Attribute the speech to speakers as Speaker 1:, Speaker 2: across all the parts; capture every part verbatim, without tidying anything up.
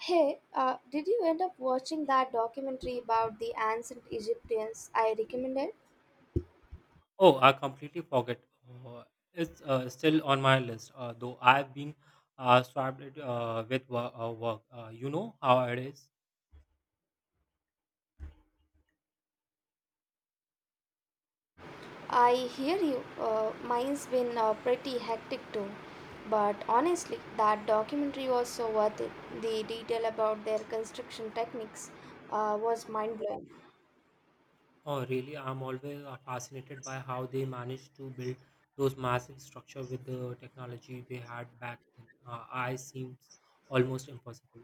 Speaker 1: Hey, uh, did you end up watching that documentary about the ancient Egyptians I recommended?
Speaker 2: Oh, I completely forget. Uh, it's uh, still on my list, uh, though I've been uh, swamped uh, with wo- uh, work. Uh, you know how it is.
Speaker 1: I hear you. Uh, mine's been uh, pretty hectic too. But honestly, that documentary was so worth it. The detail about their construction techniques uh, was mind blowing.
Speaker 2: Oh, really? I'm always uh, fascinated by how they managed to build those massive structure with the technology they had back then. Uh, I seems almost impossible.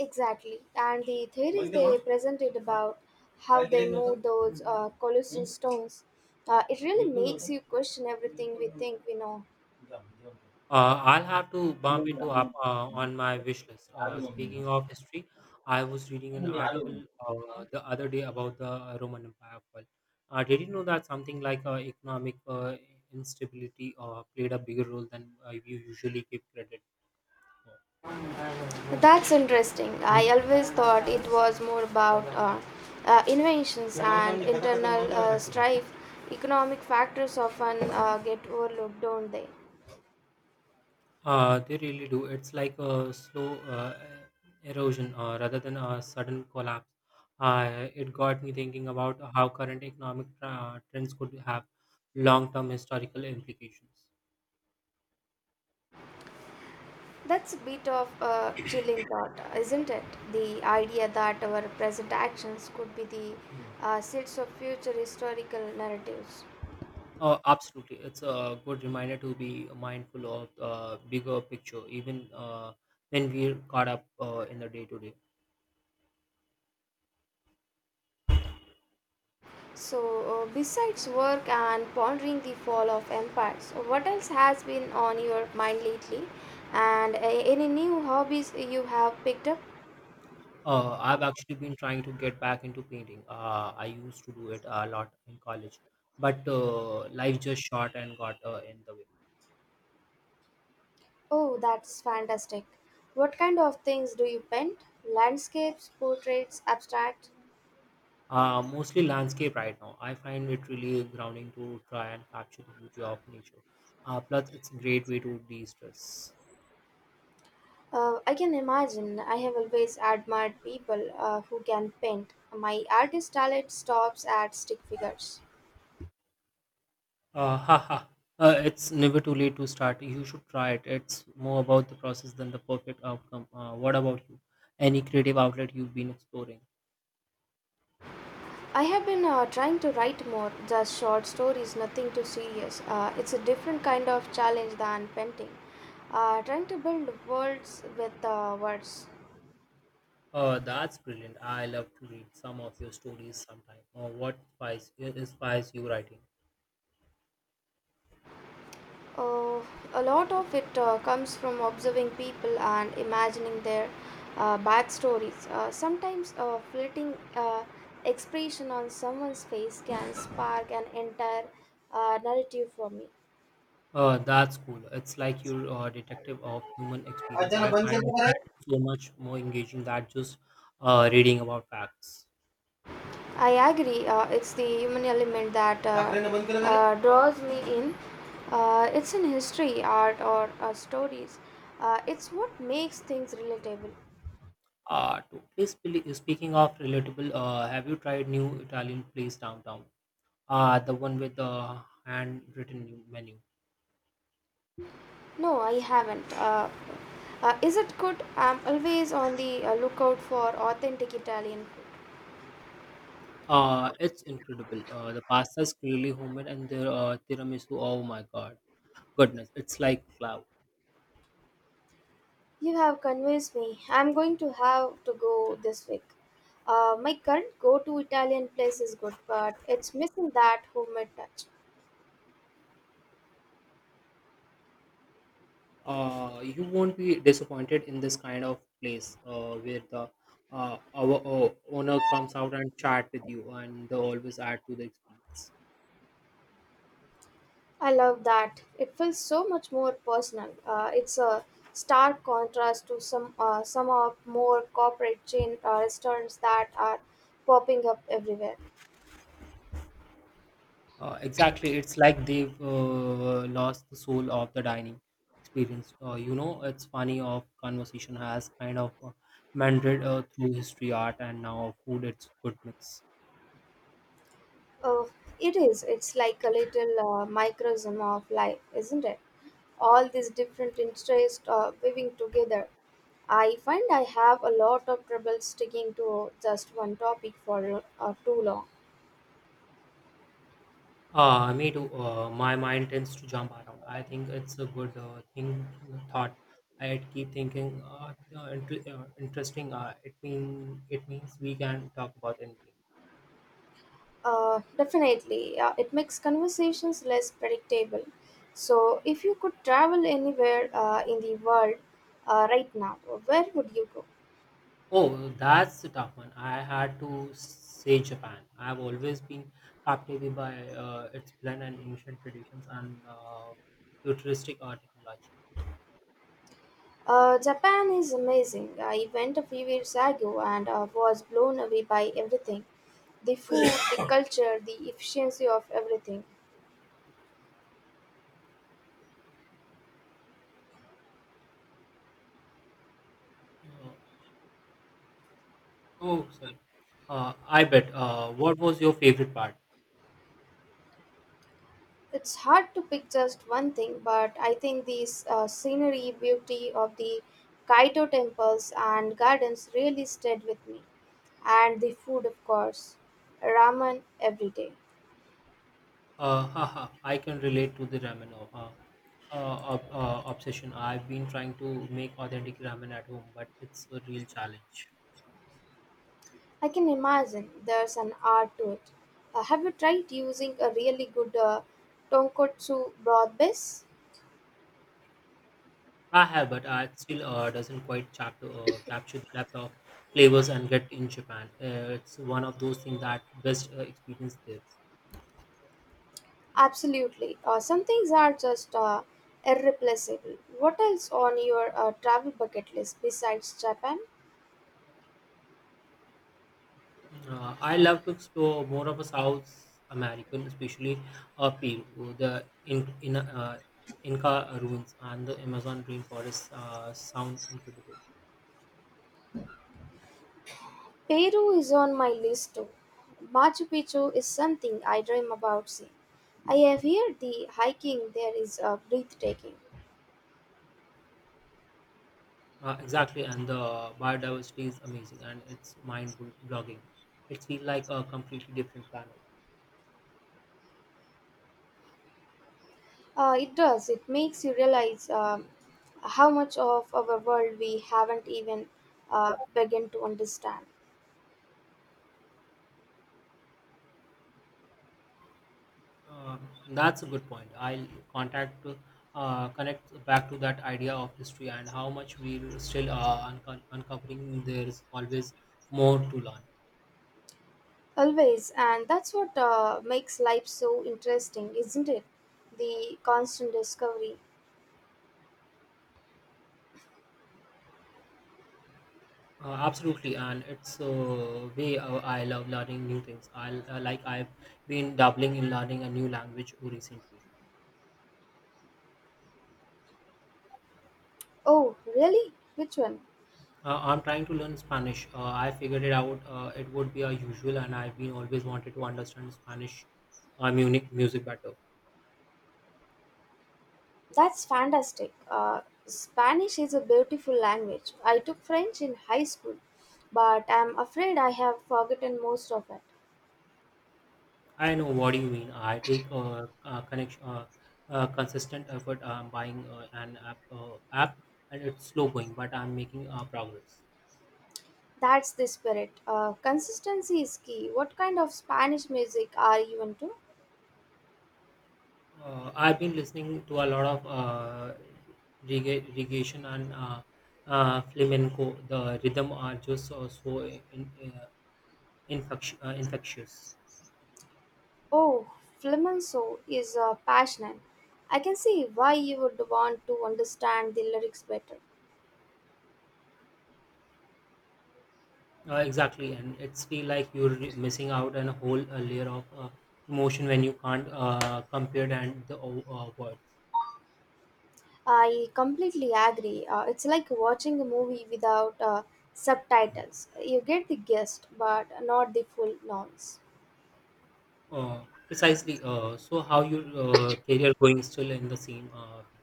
Speaker 1: Exactly. And the theories they presented about how they moved those uh, colossal stones, uh, it really makes you question everything we think we know.
Speaker 2: Uh, I'll have to bump into up uh, on my wish list. Uh, speaking of history, I was reading an article uh, the other day about the Roman Empire. fall. uh, Did you know that something like uh, economic uh, instability uh, played a bigger role than uh, you usually give credit for?
Speaker 1: That's interesting. I always thought it was more about uh, uh, inventions and internal uh, strife. Economic factors often uh, get overlooked, don't they?
Speaker 2: Uh, they really do. It's like a slow uh, erosion uh, rather than a sudden collapse. Uh, it got me thinking about how current economic uh, trends could have long-term historical implications.
Speaker 1: That's a bit of a chilling thought, isn't it? The idea that our present actions could be the uh, seeds of future historical narratives.
Speaker 2: Oh, absolutely. It's a good reminder to be mindful of uh, bigger picture, even uh, when we're caught up uh, in the day to day.
Speaker 1: So, uh, besides work and pondering the fall of empires, what else has been on your mind lately? And uh, any new hobbies you have picked up?
Speaker 2: Uh, I've actually been trying to get back into painting. Uh, I used to do it a lot in college, but uh, life just shot and got uh, in the way.
Speaker 1: Oh, that's fantastic. What kind of things do you paint? Landscapes, portraits, abstract?
Speaker 2: Uh, mostly landscape right now. I find it really grounding to try and capture the beauty of nature. Uh, plus, it's a great way to de stress.
Speaker 1: Uh, I can imagine. I have always admired people uh, who can paint. My artist talent stops at stick figures.
Speaker 2: Uh, haha. Uh, it's never too late to start. You should try it. It's more about the process than the perfect outcome. Uh, what about you? Any creative outlet you've been exploring?
Speaker 1: I have been uh, trying to write more, just short stories, nothing too serious. Uh, it's a different kind of challenge than painting. Uh, trying to build worlds with uh, words.
Speaker 2: Uh, that's brilliant. I love to read some of your stories sometime. Uh, what inspires, inspires you writing?
Speaker 1: Uh, a lot of it uh, comes from observing people and imagining their uh, backstories. Uh, sometimes a fleeting uh, expression on someone's face can spark an entire uh, narrative for me.
Speaker 2: Uh, that's cool. It's like you're a detective of human experience.
Speaker 1: अचानक
Speaker 2: I
Speaker 1: बंद केलं
Speaker 2: find
Speaker 1: तर काय.
Speaker 2: that so much more engaging than just uh, reading about facts.
Speaker 1: I agree. Uh, it's the human element that uh, uh, draws me in. Uh, it's in history, art, or uh, stories. Uh, it's what makes things relatable.
Speaker 2: Uh, totally spe- speaking of relatable, uh, have you tried new Italian place downtown? Uh, the one with the handwritten menu.
Speaker 1: No, I haven't. Uh, uh, is it good? I'm always on the uh, lookout for authentic Italian food.
Speaker 2: Uh, it's incredible. Uh, the pasta is clearly homemade, and the uh, tiramisu. Oh my god, goodness, it's like cloud.
Speaker 1: You have convinced me. I'm going to have to go this week. Uh, my current go to Italian place is good, but it's missing that homemade touch.
Speaker 2: Uh, you won't be disappointed in this kind of place uh, where the uh, our, uh owner comes out and chat with you, and they always add to the experience.
Speaker 1: I love that. It feels so much more personal. Uh, it's a stark contrast to some uh, some of more corporate chain uh, restaurants that are popping up everywhere.
Speaker 2: Uh, exactly, it's like they've uh, lost the soul of the dining experience. Uh, you know, it's funny of conversation has kind of uh, meandered uh, through history, art, and now food. It's good mix.
Speaker 1: Oh, it is. It's like a little uh, microcosm of life, isn't it? All these different interests uh, weaving together. I find I have a lot of trouble sticking to just one topic for uh, too long.
Speaker 2: Uh, me too. Uh, my mind tends to jump around. I think it's a good uh, thing thought. I keep thinking, uh, uh, int- uh, interesting. Uh, it mean it means we can talk about anything.
Speaker 1: Uh, definitely, uh, it makes conversations less predictable. So, if you could travel anywhere uh, in the world uh, right now, where would you go?
Speaker 2: Oh, that's a tough one. I had to say Japan. I've always been captivated by uh, its blend and ancient traditions and uh, futuristic art technology.
Speaker 1: Uh, Japan is amazing. I went a few years ago and uh, was blown away by everything, the food, the culture, the efficiency of everything.
Speaker 2: Uh, oh, sorry. Uh, I bet. Uh, what was your favorite part?
Speaker 1: It's hard to pick just one thing, but I think the uh, scenery, beauty of the Kaito temples and gardens really stayed with me. And the food, of course. Ramen every day.
Speaker 2: Uh, haha, I can relate to the ramen uh, uh, uh, ob- uh, obsession. I've been trying to make authentic ramen at home, but it's a real challenge.
Speaker 1: I can imagine there's an art to it. Uh, have you tried using a really good uh, tonkotsu broth base?
Speaker 2: I have, but uh, it still uh, doesn't quite chap- uh, capture the depth of flavors and get in Japan. Uh, it's one of those things that best uh, experience there.
Speaker 1: Absolutely. Uh, some things are just uh, irreplaceable. What else on your uh, travel bucket list besides Japan?
Speaker 2: Uh, I love to explore more of a South American, especially uh, Peru, the in, in uh, Inca ruins and the Amazon rainforest uh, sound incredible.
Speaker 1: Peru is on my list too. Machu Picchu is something I dream about seeing. I have heard the hiking there is uh, breathtaking.
Speaker 2: Uh, exactly, and the biodiversity is amazing and it's mind blogging. It feels like a completely different planet.
Speaker 1: Uh, it does. It makes you realize um, how much of our world we haven't even uh, begun to understand.
Speaker 2: Uh, that's a good point. I'll contact uh, connect back to that idea of history and how much we're still uh, unco- uncovering. There is always more to learn.
Speaker 1: Always, and that's what uh, makes life so interesting, isn't it? The constant discovery.
Speaker 2: Uh, absolutely, and it's a way uh, I love learning new things. I uh, like I've been dabbling in learning a new language recently.
Speaker 1: Oh, really? Which one?
Speaker 2: Uh, I'm trying to learn Spanish. Uh, I figured it out. Uh, it would be a usual, and I've been always wanted to understand Spanish uh, Munich music better.
Speaker 1: That's fantastic. Uh, Spanish is a beautiful language. I took French in high school, but I'm afraid I have forgotten most of it.
Speaker 2: I know what you mean. I take uh, uh, connection, uh, uh, consistent effort. I'm buying uh, an app, uh, app, and it's slow going, but I'm making uh, progress.
Speaker 1: That's the spirit. Uh, consistency is key. What kind of Spanish music are you into?
Speaker 2: Uh, I've been listening to a lot of uh, regga- reggaeton and uh, uh, flamenco. The rhythm are just so, so in, uh, infectious. Uh, infectious.
Speaker 1: Oh, flamenco is uh, passionate. I can see why you would want to understand the lyrics better.
Speaker 2: Uh, exactly, and it's feel like you're re- missing out on a whole uh, layer of uh, emotion when you can't uh, compare and the uh, words.
Speaker 1: I completely agree. Uh, it's like watching a movie without uh, subtitles. You get the gist, but not the full nonce.
Speaker 2: Uh, Precisely. Uh, so how your uh, career going still in the same? Uh, field?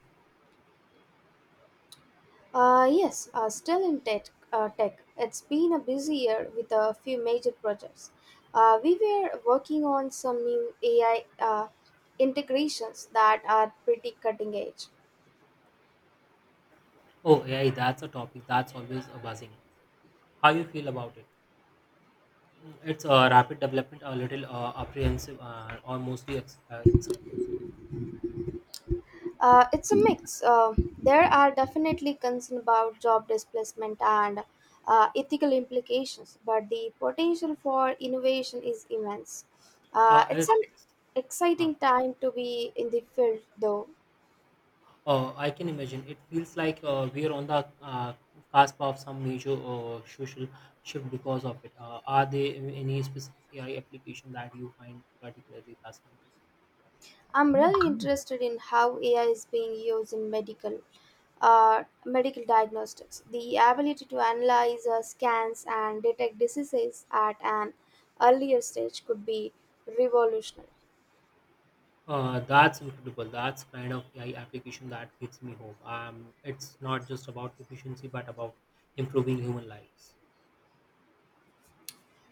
Speaker 1: Uh, yes, uh, still in tech, uh, tech. It's been a busy year with a few major projects. Uh, we were working on some new A I uh, integrations that are pretty cutting edge.
Speaker 2: Oh, A I. That's a topic that's always uh, buzzing. How you feel about it? Mm, it's a rapid development, a little uh, apprehensive, uh, or mostly ex- uh, excited.
Speaker 1: Uh, it's a mix. Uh, there are definitely concerns about job displacement and uh, ethical implications, but the potential for innovation is immense. Uh,
Speaker 2: Uh,
Speaker 1: it's
Speaker 2: it's,
Speaker 1: an
Speaker 2: huh.
Speaker 1: exciting time to be in the field, though.
Speaker 2: uh, I can imagine. It feels like uh, we are on the uh, cusp of some major uh, social shift because of it. Uh, are there any specific A I application that you find particularly fascinating?
Speaker 1: I'm really interested in how A I is being used in medical uh, medical diagnostics. The ability to analyze uh, scans and detect diseases at an earlier stage could be revolutionary.
Speaker 2: Uh, that's incredible. That's kind of A I application that gives me hope. Um, it's not just about efficiency, but about improving human lives.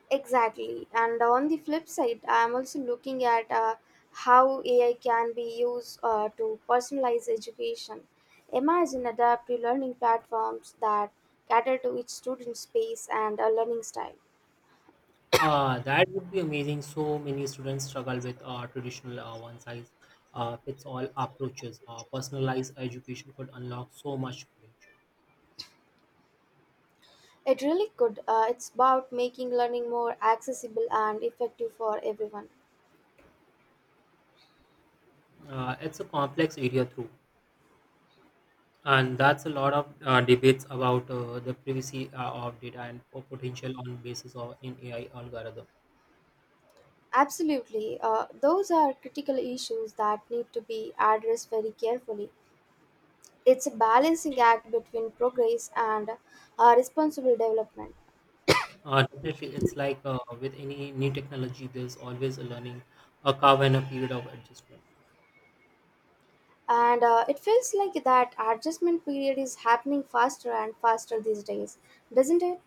Speaker 1: Exactly. And on the flip side, I'm also looking at uh, how A I can be used uh, to personalize education. Imagine adaptive learning platforms that cater to each student's pace and uh, learning style.
Speaker 2: Uh, that would be amazing. So many students struggle with uh, traditional uh, one size uh, fits all approaches. Uh, personalized education could unlock so much potential.
Speaker 1: It really could. Uh, it's about making learning more accessible and effective for everyone.
Speaker 2: Uh, it's a complex area, through, and that's a lot of uh, debates about uh, the privacy uh, of data and potential on basis of an A I algorithm.
Speaker 1: Absolutely. Uh, those are critical issues that need to be addressed very carefully. It's a balancing act between progress and uh, responsible development.
Speaker 2: Uh, definitely, it's like uh, with any new technology, there's always a learning a curve and a period of adjustment.
Speaker 1: And uh, it feels like that adjustment period is happening faster and faster these days, doesn't it?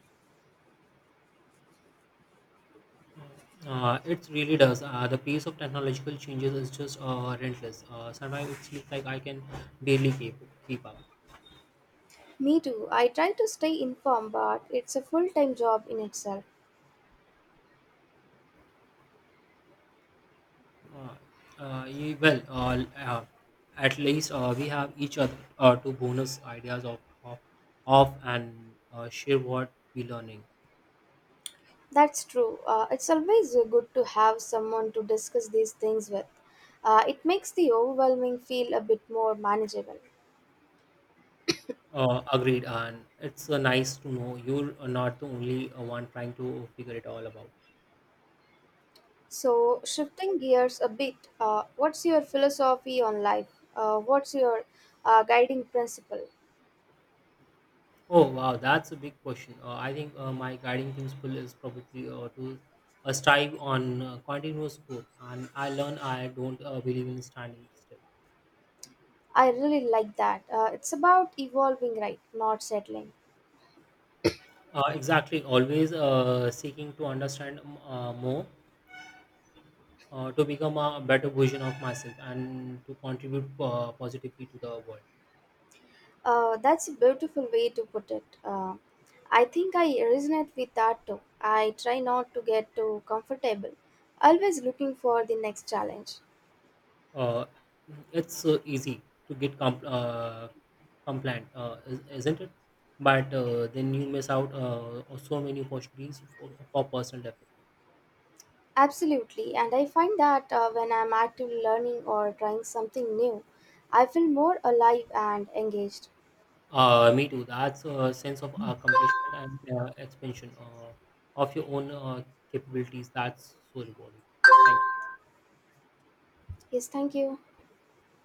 Speaker 2: Uh, it really does. Uh, the pace of technological changes is just uh, relentless. Uh, sometimes it seems like I can barely keep, keep up.
Speaker 1: Me too. I try to stay informed, but it's a full time job in itself.
Speaker 2: Uh, uh, ye- well, uh, uh, at least uh, we have each other uh, to bonus ideas of, of, of and uh, share what we're learning.
Speaker 1: That's true. Uh, it's always uh, good to have someone to discuss these things with. Uh, it makes the overwhelming feel a bit more manageable.
Speaker 2: Uh, agreed, and it's uh, nice to know you're not the only uh, one trying to figure it all about.
Speaker 1: So, shifting gears a bit, uh, what's your philosophy on life? Uh, what's your uh, guiding principle?
Speaker 2: Oh wow, that's a big question. Uh, I think uh, my guiding principle is probably uh, to uh, strive on uh, continuous growth, and I learn I don't uh, believe in standing still.
Speaker 1: I really like that. Uh, it's about evolving, right? Not settling.
Speaker 2: Uh, exactly, always uh, seeking to understand um, uh, more, uh, to become a better version of myself, and to contribute uh, positively to the world.
Speaker 1: Uh, that's a beautiful way to put it. Uh, I think I resonate with that too. I try not to get too comfortable, always looking for the next challenge.
Speaker 2: Uh, it's so easy to get comp- uh, compliant, uh, is- isn't it? But uh, then you miss out uh, on so many opportunities for, for personal development.
Speaker 1: Absolutely, and I find that uh, when I'm actively learning or trying something new, I feel more alive and engaged.
Speaker 2: Uh, me too. That's a sense of accomplishment and uh, expansion uh, of your own uh, capabilities. That's so rewarding. Thank you.
Speaker 1: Yes, thank you.